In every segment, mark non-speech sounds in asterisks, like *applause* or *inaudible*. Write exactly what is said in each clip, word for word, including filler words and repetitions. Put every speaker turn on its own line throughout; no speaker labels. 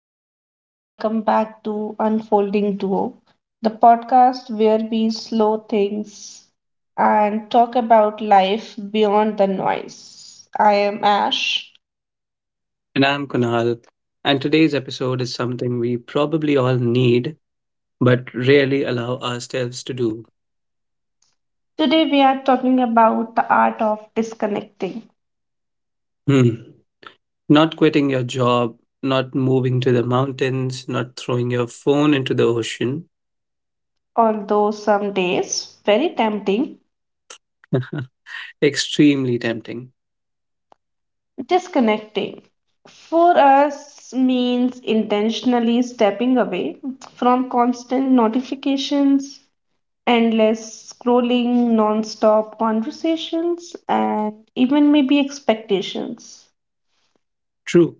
everyone, and welcome back to Unfolding Duo, the podcast where we slow things and talk about life beyond the noise. I am Ash.
And I'm Kunal, and today's episode is something we probably all need but rarely allow ourselves to do.
Today, we are talking about the art of disconnecting.
Hmm. Not quitting your job, not moving to the mountains, not throwing your phone into the ocean.
Although some days very tempting,
*laughs* Extremely tempting.
disconnecting for us means intentionally stepping away from constant notifications endless scrolling, non-stop conversations, and even maybe expectations.
True.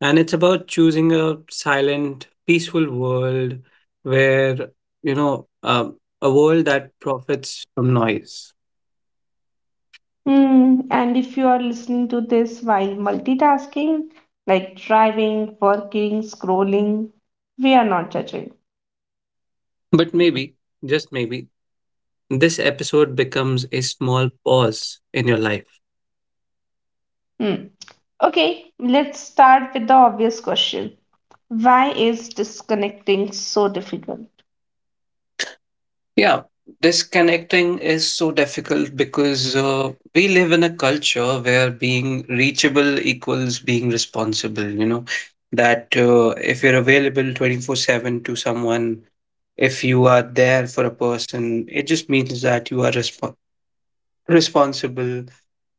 And it's about choosing a silent, peaceful world where, you know, um, a world that profits from noise.
Hmm. And if you are listening to this while multitasking, like driving, working, scrolling, we are not judging.
But maybe, just maybe, This episode becomes a small pause in your life.
Hmm. Okay, let's start with the obvious question. Why is disconnecting so difficult?
Yeah, disconnecting is so difficult because uh, we live in a culture where being reachable equals being responsible, you know, that uh, if you're available twenty-four seven to someone, if you are there for a person, it just means that you are resp- responsible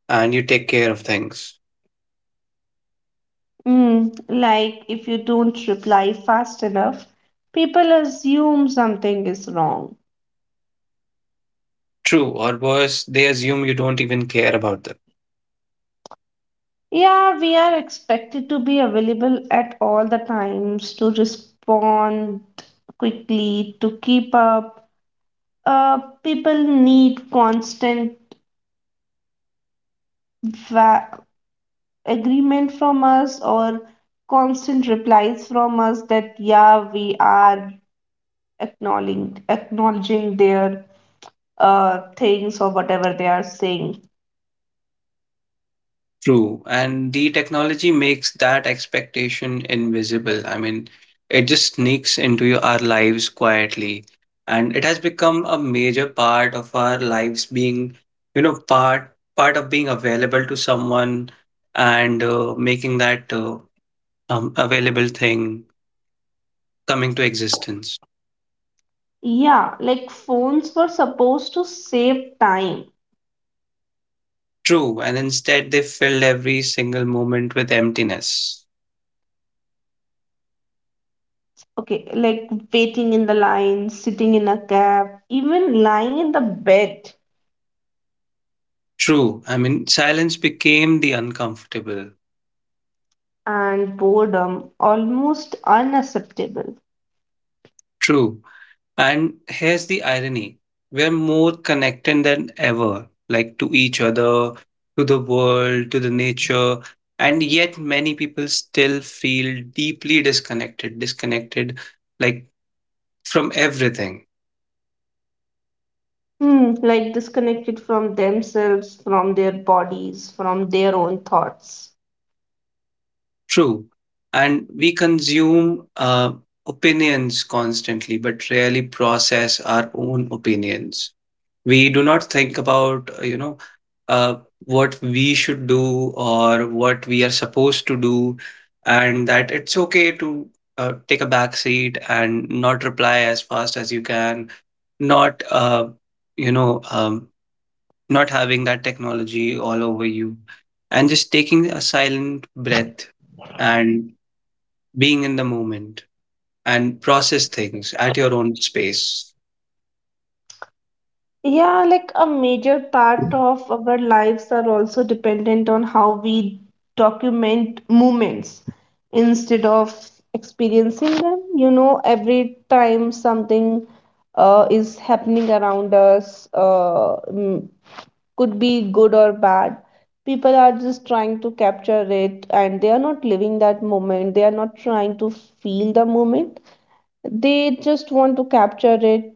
and you take care of things.
Mm, like if you don't reply fast enough, people assume something is wrong.
True, or worse, they assume you don't even care about them.
Yeah, we are expected to be available at all the times, to respond quickly, to keep up. Uh, People need constant va- agreement from us or constant replies from us that, yeah, we are acknowledging, acknowledging their uh, things or whatever they are saying.
True. And the technology makes that expectation invisible. I mean, it just sneaks into your, our lives quietly. And it has become a major part of our lives being, you know, part part of being available to someone and uh, making that uh, um, available thing coming to existence.
Yeah, like phones were supposed to save time.
True. And instead, they filled every single moment with emptiness.
Okay, like waiting in the line, sitting in a cab, even lying in the bed,
True. I mean, silence became the uncomfortable.
and boredom, almost unacceptable.
True. And here's the irony, we're more connected than ever, like to each other, to the world, to the nature. And yet, many people still feel deeply disconnected, disconnected like from everything.
Hmm, like disconnected from themselves, from their bodies, from their own thoughts.
True. And we consume uh, opinions constantly, but rarely process our own opinions. We do not think about uh, you know uh, what we should do or what we are supposed to do, and that it's okay to uh, take a back seat and not reply as fast as you can, not uh, you know um, not having that technology all over you, and just taking a silent breath and being in the moment, and process things at your own space.
Yeah, like a major part of our lives are also dependent on how we document moments instead of experiencing them. You know, Every time something uh, is happening around us, uh, mm, could be good or bad, people are just trying to capture it and they are not living that moment. They are not trying to feel the moment. They just want to capture it,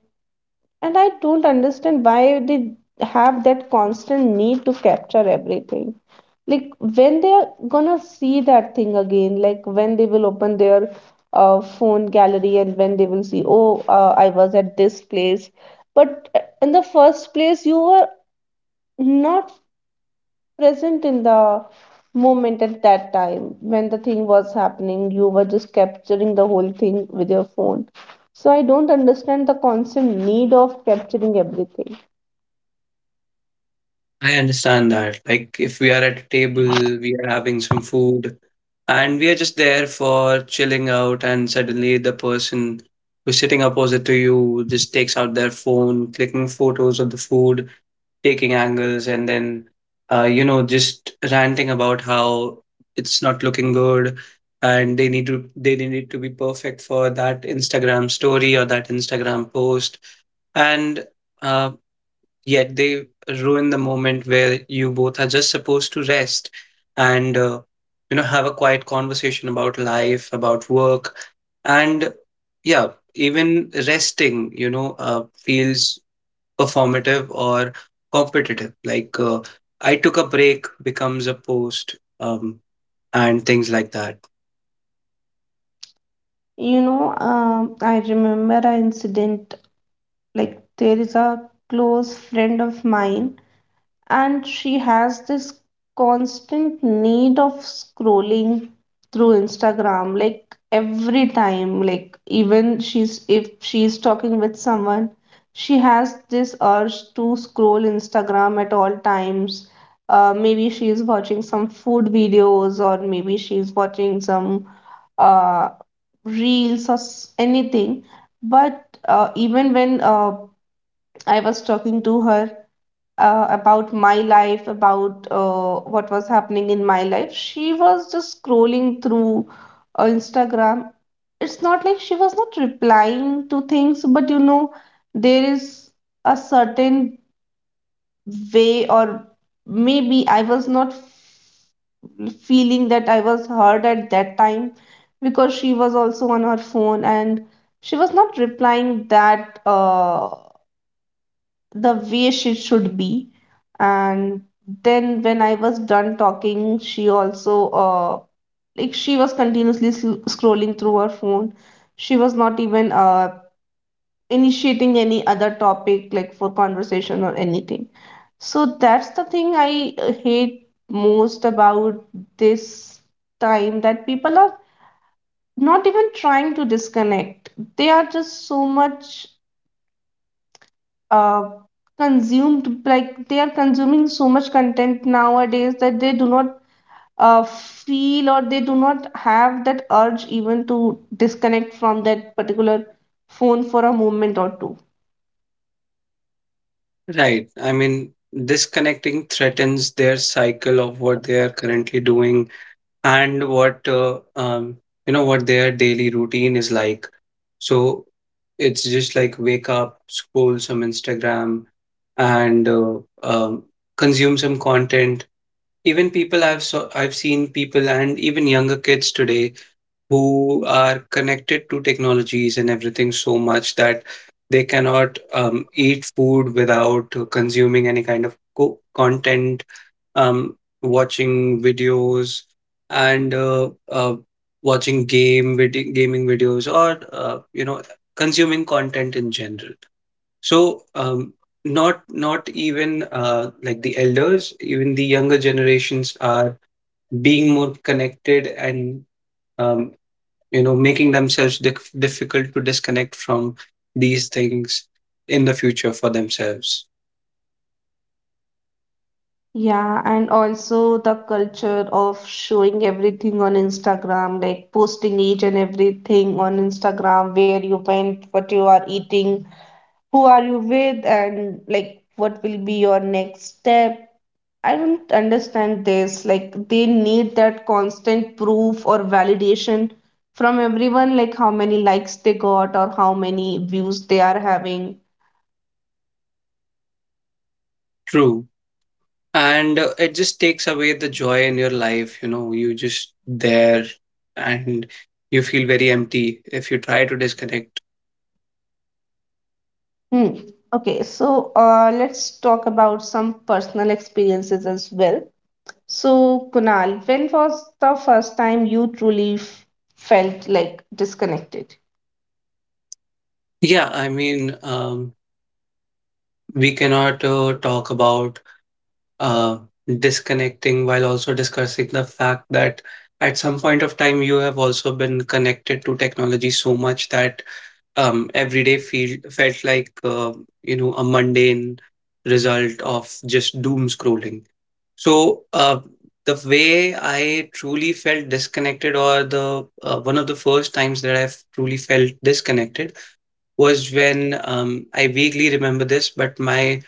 and I don't understand why they have that constant need to capture everything. Like when they are gonna see that thing again, like when they will open their uh, phone gallery and when they will see, oh, uh, I was at this place. But uh, in the first place, you were not present in the moment at that time when the thing was happening. You were just capturing the whole thing with your phone. So I don't understand the constant need of capturing everything.
I understand that. Like, if we are at a table, we are having some food, and we are just there for chilling out, and suddenly the person who's sitting opposite to you just takes out their phone, clicking photos of the food, taking angles, and then, uh, you know, just ranting about how it's not looking good, and they need to they need to be perfect for that Instagram story or that Instagram post, and. Uh, Yet they ruin the moment where you both are just supposed to rest and, uh, you know, have a quiet conversation about life, about work. And yeah, even resting, you know, uh, feels performative or competitive, like, uh, i took a break becomes a post um, and things like that.
You know, um, I remember an incident, like there is a close friend of mine, and she has this constant need of scrolling through Instagram like every time. Like, even she's if she's talking with someone, she has this urge to scroll Instagram at all times. Uh, maybe she's watching some food videos, or maybe she's watching some uh, reels or s- anything. But uh, even when uh, I was talking to her uh, about my life, about uh, what was happening in my life, she was just scrolling through uh, Instagram. It's not like she was not replying to things, but you know, there is a certain way, or maybe I was not feeling that I was heard at that time because she was also on her phone and she was not replying that uh, the way she should be. And then when I was done talking, she also uh, like she was continuously sl- scrolling through her phone. She was not even uh, initiating any other topic like for conversation or anything. So that's the thing I uh, hate most about this time, that people are not even trying to disconnect. They are just so much uh, consumed, like they are consuming so much content nowadays that they do not uh, feel, or they do not have that urge even to disconnect from that particular phone for a moment or two.
Right, I mean, disconnecting threatens their cycle of what they are currently doing and what uh, um, you know, what their daily routine is like. So it's just like wake up, scroll some Instagram, and uh, um, consume some content. Even people I've saw, I've seen people, and even younger kids today who are connected to technologies and everything so much that they cannot um, eat food without uh, consuming any kind of co- content, um, watching videos and uh, uh, watching game vid- gaming videos, or uh, you know, consuming content in general. So um, not not even uh, like the elders, even the younger generations are being more connected and, um, you know, making themselves dif- difficult to disconnect from these things in the future for themselves.
Yeah, and also the culture of showing everything on Instagram, like posting each and everything on Instagram, where you went, what you are eating, who are you with, and like what will be your next step. I don't understand this. Like they need that constant proof or validation from everyone, like how many likes they got or how many views they are having.
True. And uh, it just takes away the joy in your life. You know, you just there, and you feel very empty if you try to disconnect.
Hmm. Okay, so uh, let's talk about some personal experiences as well. So, Kunal, when was the first time you truly f- felt like disconnected?
Yeah, I mean, um, we cannot uh, talk about uh, disconnecting while also discussing the fact that at some point of time you have also been connected to technology so much that um, every day feel felt like uh, you know, a mundane result of just doom scrolling. So, uh, the way I truly felt disconnected, or the uh, one of the first times that I've truly felt disconnected, was when, um, I vaguely remember this, but my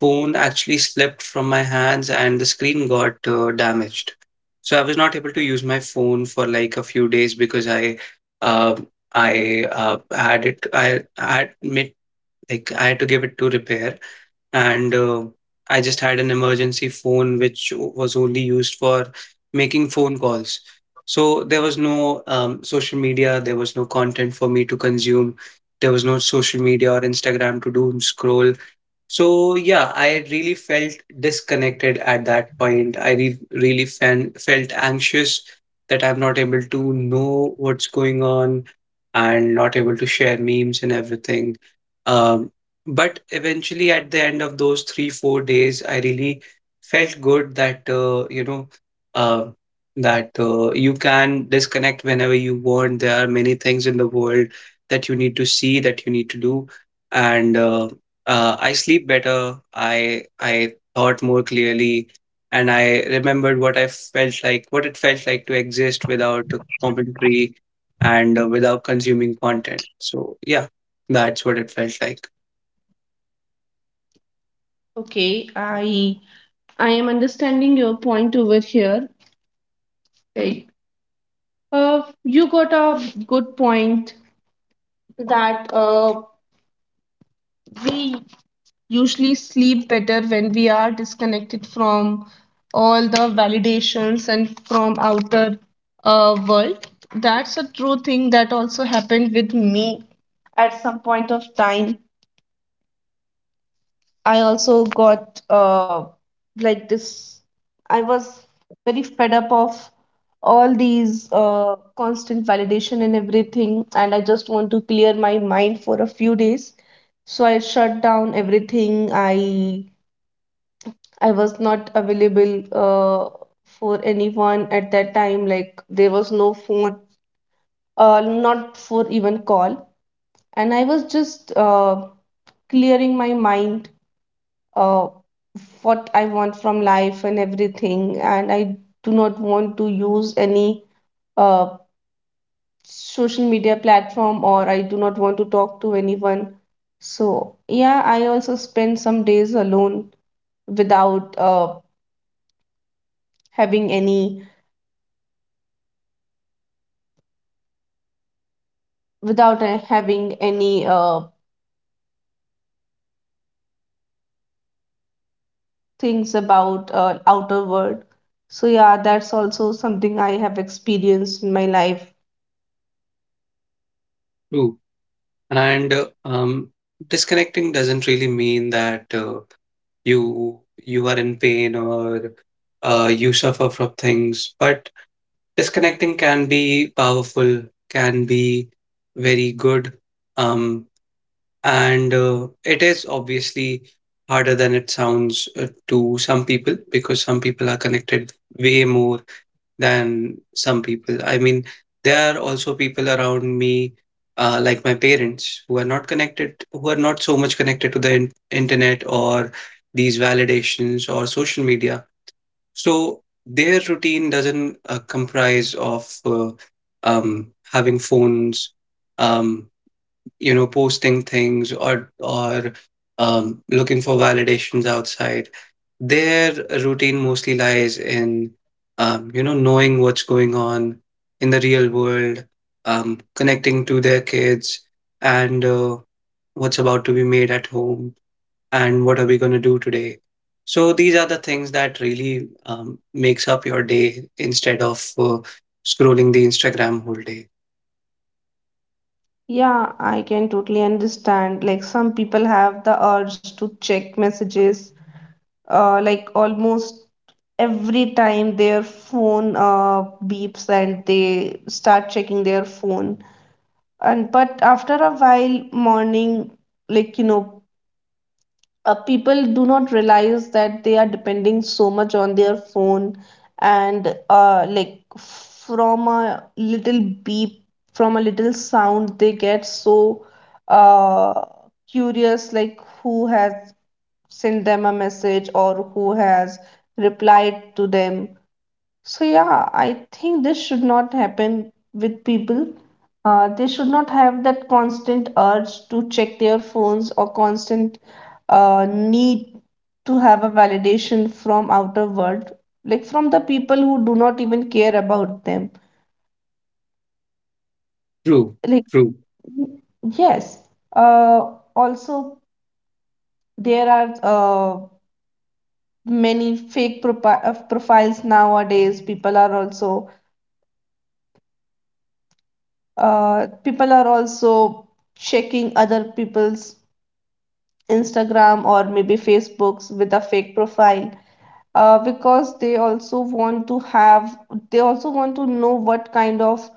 phone actually slipped from my hands and the screen got uh, damaged. So I was not able to use my phone for like a few days because I, uh, I uh, had it. I had like, I had to give it to repair, and uh, I just had an emergency phone which was only used for making phone calls. So there was no um, social media, there was no content for me to consume, there was no social media or Instagram to doom scroll. So yeah, I really felt disconnected at that point. I re- really fan- felt anxious that I'm not able to know what's going on and not able to share memes and everything. Um, but eventually, at the end of those three, four days, I really felt good that uh, you know uh, that uh, you can disconnect whenever you want. There are many things in the world that you need to see, that you need to do, and. Uh, uh, I sleep better. I I thought more clearly, and I remembered what I felt like, what it felt like to exist without a commentary and uh, without consuming content. So yeah, that's what it felt like.
Okay, I I am understanding your point over here. Like, uh, you got a good point that uh, we usually sleep better when we are disconnected from all the validations and from outer uh, world. That's a true thing that also happened with me. At some point of time, I also got uh, like this, I was very fed up of all these uh, constant validation and everything, and I just want to clear my mind for a few days. So I shut down everything. i I was not available uh, for anyone at that time. Like there was no phone, uh, not for even call, and I was just uh, clearing my mind, uh, what I want from life and everything. And I do not want to use any uh, social media platform, or I do not want to talk to anyone. So yeah, I also spent some days alone without uh, having any without uh, having any uh, things about uh, outer world. So yeah, that's also something I have experienced in my life.
True. And uh, um, disconnecting doesn't really mean that uh, you you are in pain or uh, you suffer from things, but disconnecting can be powerful, can be very good. Um, And uh, it is obviously harder than it sounds uh, to some people, because some people are connected way more than some people. I mean, there are also people around me, uh, like my parents, who are not connected, who are not so much connected to the in- internet or these validations or social media. So their routine doesn't uh, comprise of uh, um, having phones. Um, you know, posting things or or um, looking for validations outside their routine mostly lies in, um, you know, knowing what's going on in the real world, um, connecting to their kids and uh, what's about to be made at home and what are we going to do today. So these are the things that really um, makes up your day instead of uh, scrolling the Instagram whole day.
Yeah, I can totally understand. Like some people have the urge to check messages, uh, like almost every time their phone uh, beeps and they start checking their phone. And but after a while, morning, like you know, uh, people do not realize that they are depending so much on their phone, and uh, like from a little beep, from a little sound, they get so uh, curious, like who has sent them a message or who has replied to them. So yeah, I think this should not happen with people. Uh, they should not have that constant urge to check their phones or constant uh, need to have a validation from outer world, like from the people who do not even care about them.
True.
Like
True.
yes, uh, also there are uh, many fake propi- uh, profiles nowadays. People are also uh, people are also checking other people's Instagram or maybe Facebooks with a fake profile uh, because they also want to have, they also want to know what kind of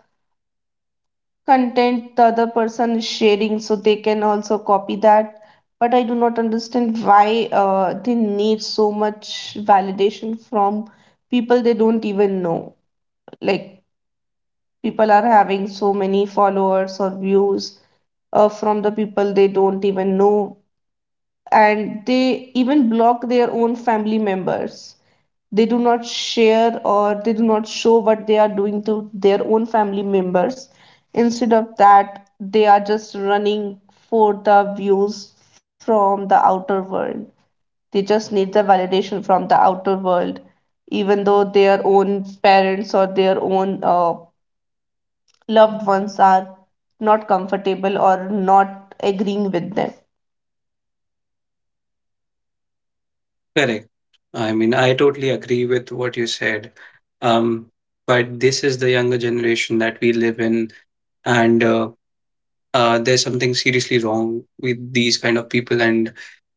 content the other person is sharing so they can also copy that. But I do not understand why uh, they need so much validation from people they don't even know. Like, people are having so many followers or views uh, from the people they don't even know, and they even block their own family members. They do not share, or they do not show what they are doing to their own family members. Instead of that, they are just running for the views from the outer world. They just need the validation from the outer world, even though their own parents or their own uh, loved ones are not comfortable or not agreeing with them.
Correct. I mean, I totally agree with what you said. Um, but this is the younger generation that we live in, and uh, uh, there's something seriously wrong with these kind of people, and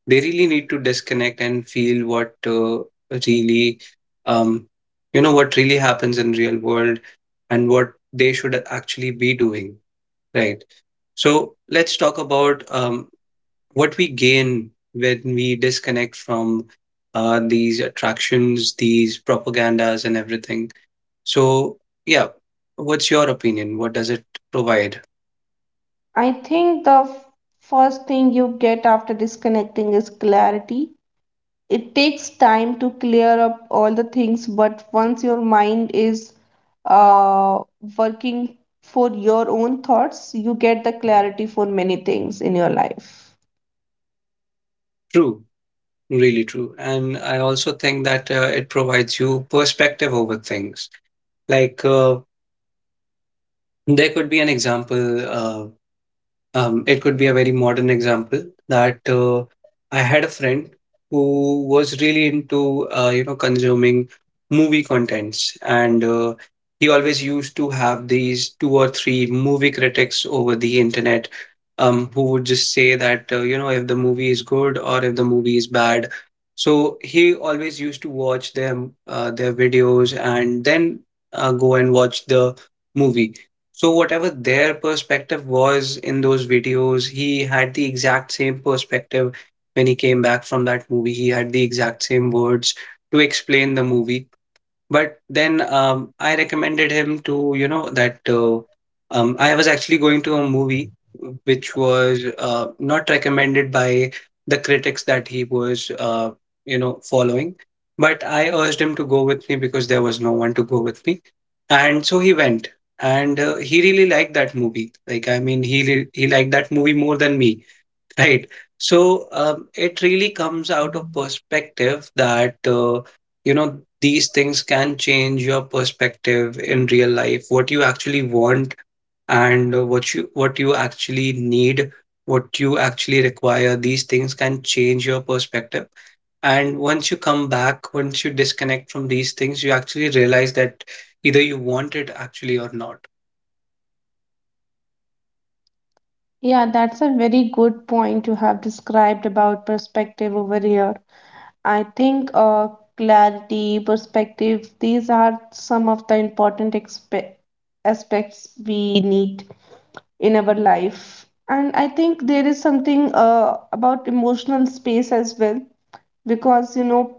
they really need to disconnect and feel what uh, really, um, you know, what really happens in real world, and what they should actually be doing. Right. So let's talk about um, what we gain when we disconnect from uh, these attractions, these propagandas, and everything. So, yeah, what's your opinion? What does it provide?
I think the first thing you get after disconnecting is clarity. It takes time to clear up all the things, but once your mind is uh, working for your own thoughts, you get the clarity for many things in your life.
True, really true. And I also think that uh, it provides you perspective over things. Like, uh, there could be an example. Uh, Um, it could be a very modern example that uh, I had a friend who was really into uh, you know, consuming movie contents, and uh, he always used to have these two or three movie critics over the internet, um, who would just say that uh, you know, if the movie is good or if the movie is bad. So he always used to watch them, uh, their videos, and then uh, go and watch the movie. So whatever their perspective was in those videos, he had the exact same perspective when he came back from that movie. He had the exact same words to explain the movie. But then, um, I recommended him to, you know, that uh, um, I was actually going to a movie which was uh, not recommended by the critics that he was, uh, you know, following. But I urged him to go with me because there was no one to go with me. And so he went. And uh, he really liked that movie. Like, I mean, he, li- he liked that movie more than me. Right. So, um, it really comes out of perspective that, uh, you know, these things can change your perspective in real life, what you actually want and uh, what you what you actually need, what you actually require. These things can change your perspective. And once you come back, once you disconnect from these things, you actually realize that either you want it actually or not.
Yeah, that's a very good point you have described about perspective over here. I think uh, clarity, perspective, these are some of the important expe- aspects we need in our life. And I think there is something uh, about emotional space as well, because you know,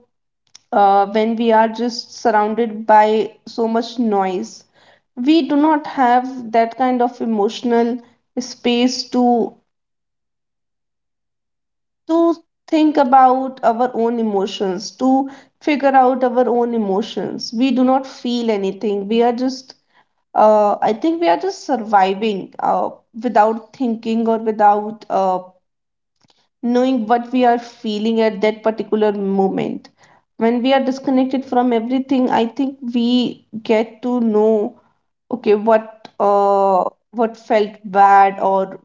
uh, when we are just surrounded by so much noise, we do not have that kind of emotional space to to think about our own emotions, to figure out our own emotions. We do not feel anything. We are just, uh, I think we are just surviving uh, without thinking or without uh, knowing what we are feeling at that particular moment. When we are disconnected from everything, I think we get to know, okay, what uh what felt bad, or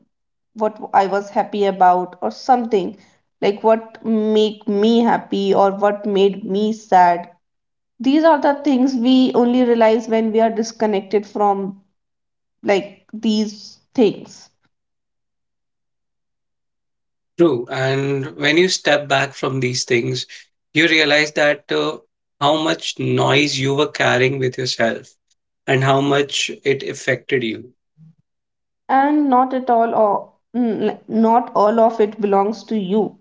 what I was happy about, or something, like what make me happy or what made me sad. These are the things we only realize when we are disconnected from like these things.
True. And when you step back from these things, you realize that uh, how much noise you were carrying with yourself and how much it affected you.
And not at all, or n- like, not all of it belongs to you.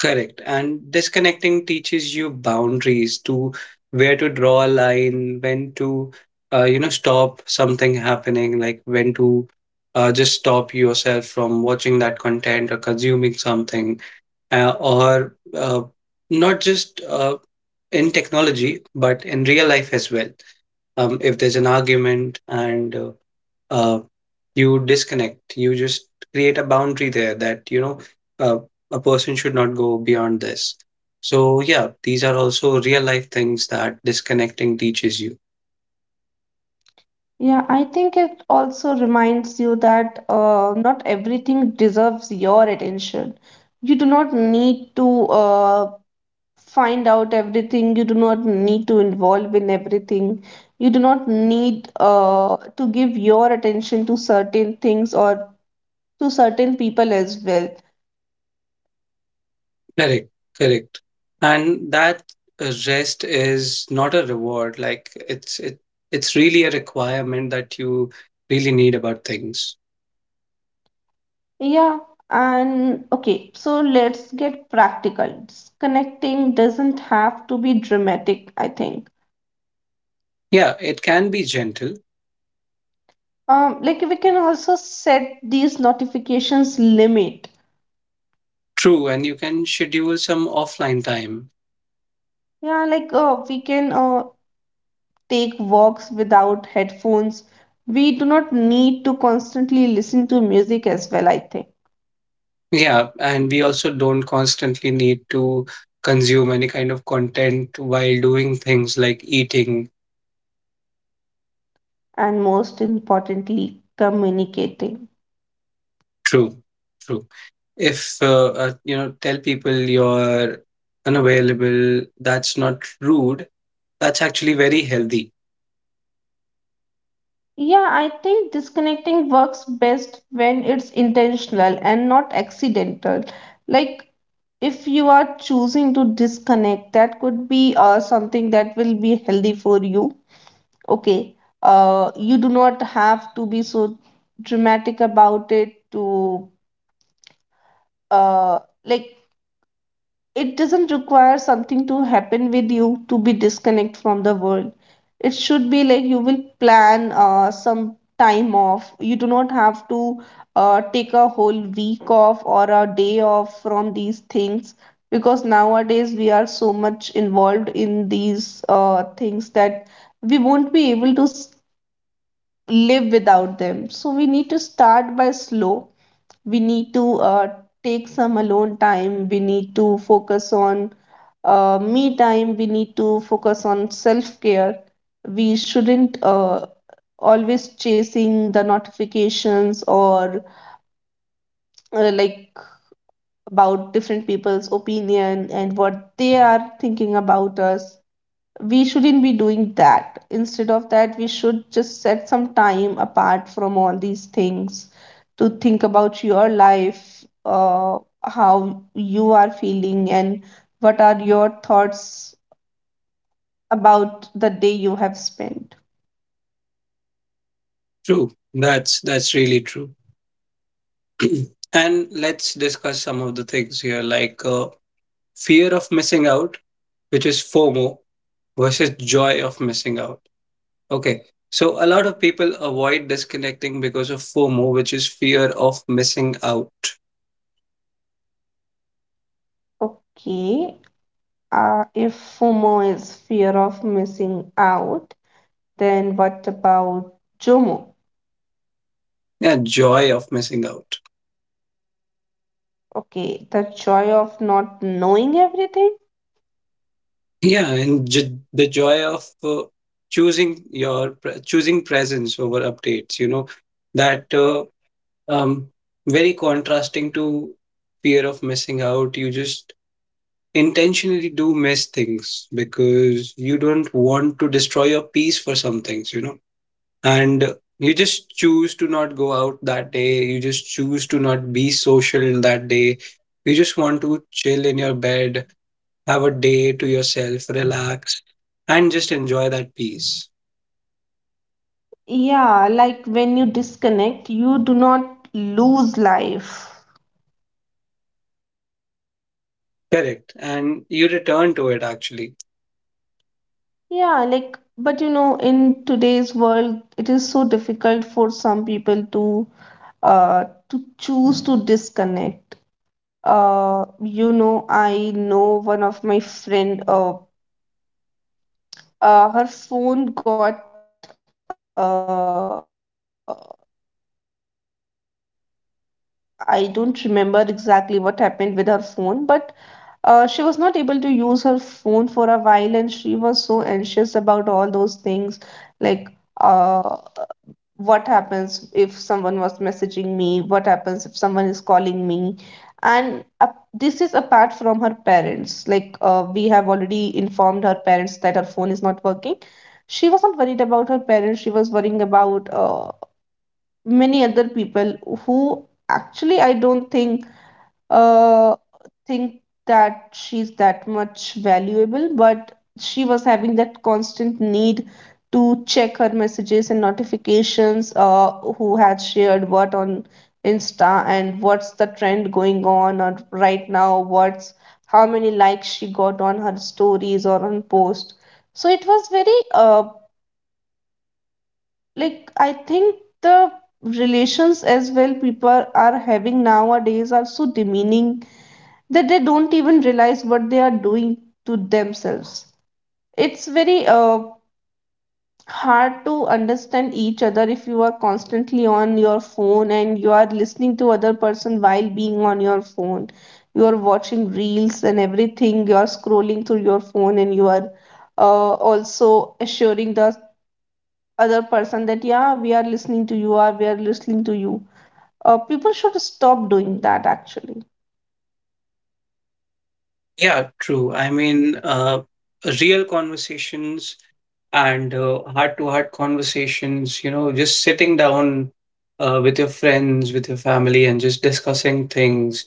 Correct. And disconnecting teaches you boundaries, to where to draw a line, when to, uh, you know, stop something happening, like when to uh, just stop yourself from watching that content or consuming something, uh, or uh, not just uh, in technology, but in real life as well. Um, if there's an argument and, uh, uh, you disconnect, you just create a boundary there that, you know, uh, a person should not go beyond this. So, yeah, these are also real life things that disconnecting teaches you.
Yeah, I think it also reminds you that uh, not everything deserves your attention. You do not need to uh, find out everything. You do not need to involve in everything. You do not need uh, to give your attention to certain things or to certain people as well.
Correct, correct. And that uh, rest is not a reward. Like it's it it's really a requirement that you really need about things.
Yeah, and okay, so let's get practical. Disconnecting doesn't have to be dramatic. I think
Yeah, it can be gentle,
um like we can also set these notifications limit.
true, and you can schedule some offline time.
Yeah like uh, we can, uh, take walks without headphones. We do not need to constantly listen to music as well, I think.
Yeah, and we also don't constantly need to consume any kind of content while doing things like eating.
And most importantly, communicating.
True, true. If uh, uh, you know, tell people you're unavailable, that's not rude. That's actually very healthy.
Yeah, I think disconnecting works best when it's intentional and not accidental. Like, if you are choosing to disconnect, that could be uh, something that will be healthy for you. Okay, uh, you do not have to be so dramatic about it to, uh, like, it doesn't require something to happen with you to be disconnect from the world. It should be like you will plan uh, some time off. You do not have to uh, take a whole week off or a day off from these things, because nowadays we are so much involved in these uh, things that we won't be able to s- live without them. So we need to start by slow. We need to, uh, take some alone time. We need to focus on, uh, me time. We need to focus on self care. We shouldn't uh, always chasing the notifications, or, uh, like about different people's opinion and what they are thinking about us. We shouldn't be doing that. Instead of that, we should just set some time apart from all these things to think about your life, uh, how you are feeling, and what are your thoughts about the day you have spent.
True. That's that's really true. *clears throat* And let's discuss some of the things here, like, uh, fear of missing out, which is FOMO versus joy of missing out. Okay, so a lot of people avoid disconnecting because of FOMO, which is fear of missing out.
Okay, uh, if FOMO is fear of missing out, then what about JOMO?
Yeah, joy of missing out.
Okay, the joy of not knowing everything.
Yeah, and j- the joy of, uh, choosing your pre- choosing presence over updates. You know that, uh, um, very contrasting to fear of missing out. You just intentionally do miss things because you don't want to destroy your peace for some things. You know, and you just choose to not go out that day. You just choose to not be social that day. You just want to chill in your bed, have a day to yourself, relax, and just enjoy that peace.
Yeah, like when you disconnect, you do not lose life.
Correct. And you return to it actually.
Yeah, like, but you know, in today's world, it is so difficult for some people to uh to choose to disconnect. Uh, you know, I know one of my friend, uh, uh her phone got uh I don't remember exactly what happened with her phone, but uh, she was not able to use her phone for a while, and she was so anxious about all those things, like, uh, what happens if someone was messaging me, what happens if someone is calling me, and, uh, this is apart from her parents. Like, uh, we have already informed her parents that her phone is not working. She was not worried about her parents, she was worrying about uh, many other people who actually I don't think uh think that she's that much valuable, but she was having that constant need to check her messages and notifications, uh, who had shared what on Insta and what's the trend going on or right now, what's how many likes she got on her stories or on post. So it was very, uh, like I think the relations as well people are having nowadays are so demeaning that they don't even realize what they are doing to themselves. It's very uh, hard to understand each other if you are constantly on your phone and you are listening to other person while being on your phone. You are watching reels and everything. You are scrolling through your phone and you are uh, also assuring the other person that yeah we are listening to you or we are listening to you uh, people should stop doing that actually.
Yeah, true. I mean, uh, real conversations and uh, heart-to-heart conversations, you know, just sitting down uh, with your friends, with your family, and just discussing things,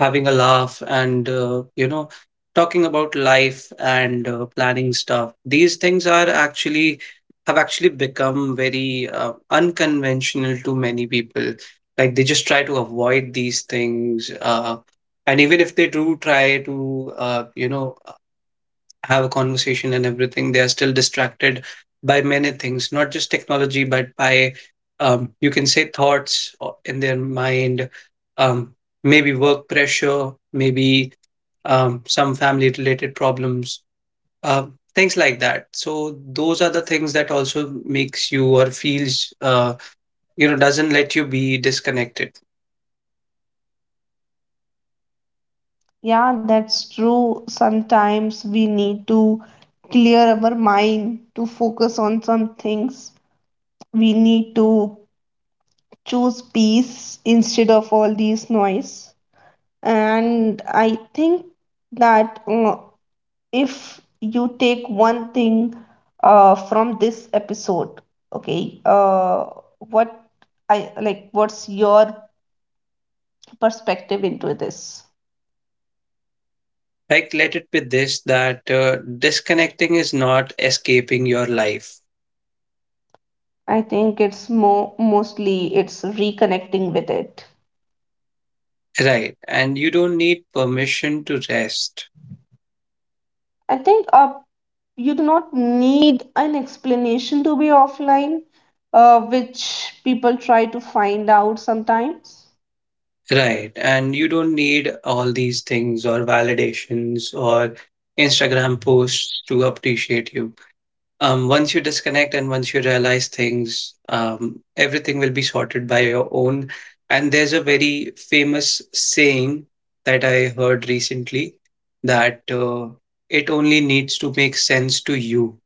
having a laugh, and, uh, you know, talking about life and uh, planning stuff. These things are actually, have actually become very uh, unconventional to many people. Like they just try to avoid these things, uh, and even if they do try to, uh, you know, have a conversation and everything, they are still distracted by many things, not just technology, but by, um, you can say thoughts o- in their mind, um, maybe work pressure, maybe um, some family related problems, uh, things like that. So those are the things that also makes you or feels, uh, you know, doesn't let you be disconnected.
Yeah, that's true, sometimes we need to clear our mind to focus on some things. We need to choose peace instead of all these noise. And I think that, uh, if you take one thing uh, from this episode, okay, uh, what I like, what's your perspective into this?
Like let it be this that uh, disconnecting is not escaping your life.
I think it's more mostly it's reconnecting with it.
Right. And you don't need permission to rest.
I think, uh, you do not need an explanation to be offline, uh, which people try to find out sometimes.
Right. And you don't need all these things or validations or Instagram posts to appreciate you. Um, once you disconnect and once you realize things, um, everything will be sorted by your own. And there's a very famous saying that I heard recently that uh, it only needs to make sense to you.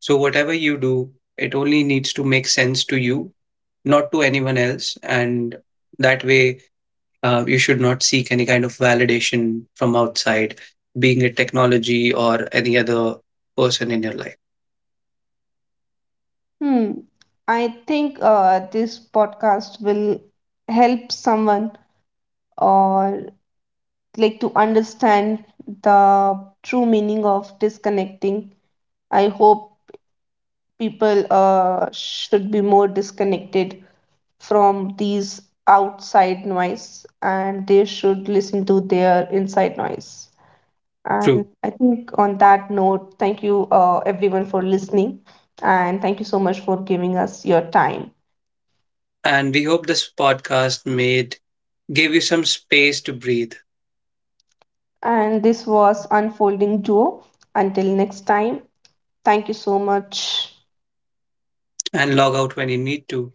So, whatever you do, it only needs to make sense to you, not to anyone else. And that way, uh, you should not seek any kind of validation from outside, being it technology or any other person in your life.
Hmm. I think uh, this podcast will help someone or like to understand the true meaning of disconnecting. I hope people uh, should be more disconnected from these outside noise and they should listen to their inside noise. And
True.
I think on that note, thank you uh, everyone for listening, and thank you so much for giving us your time.
And we hope this podcast made gave you some space to breathe
And this was Unfolding Duo. Until next time, thank you so much.
and log out when you need to.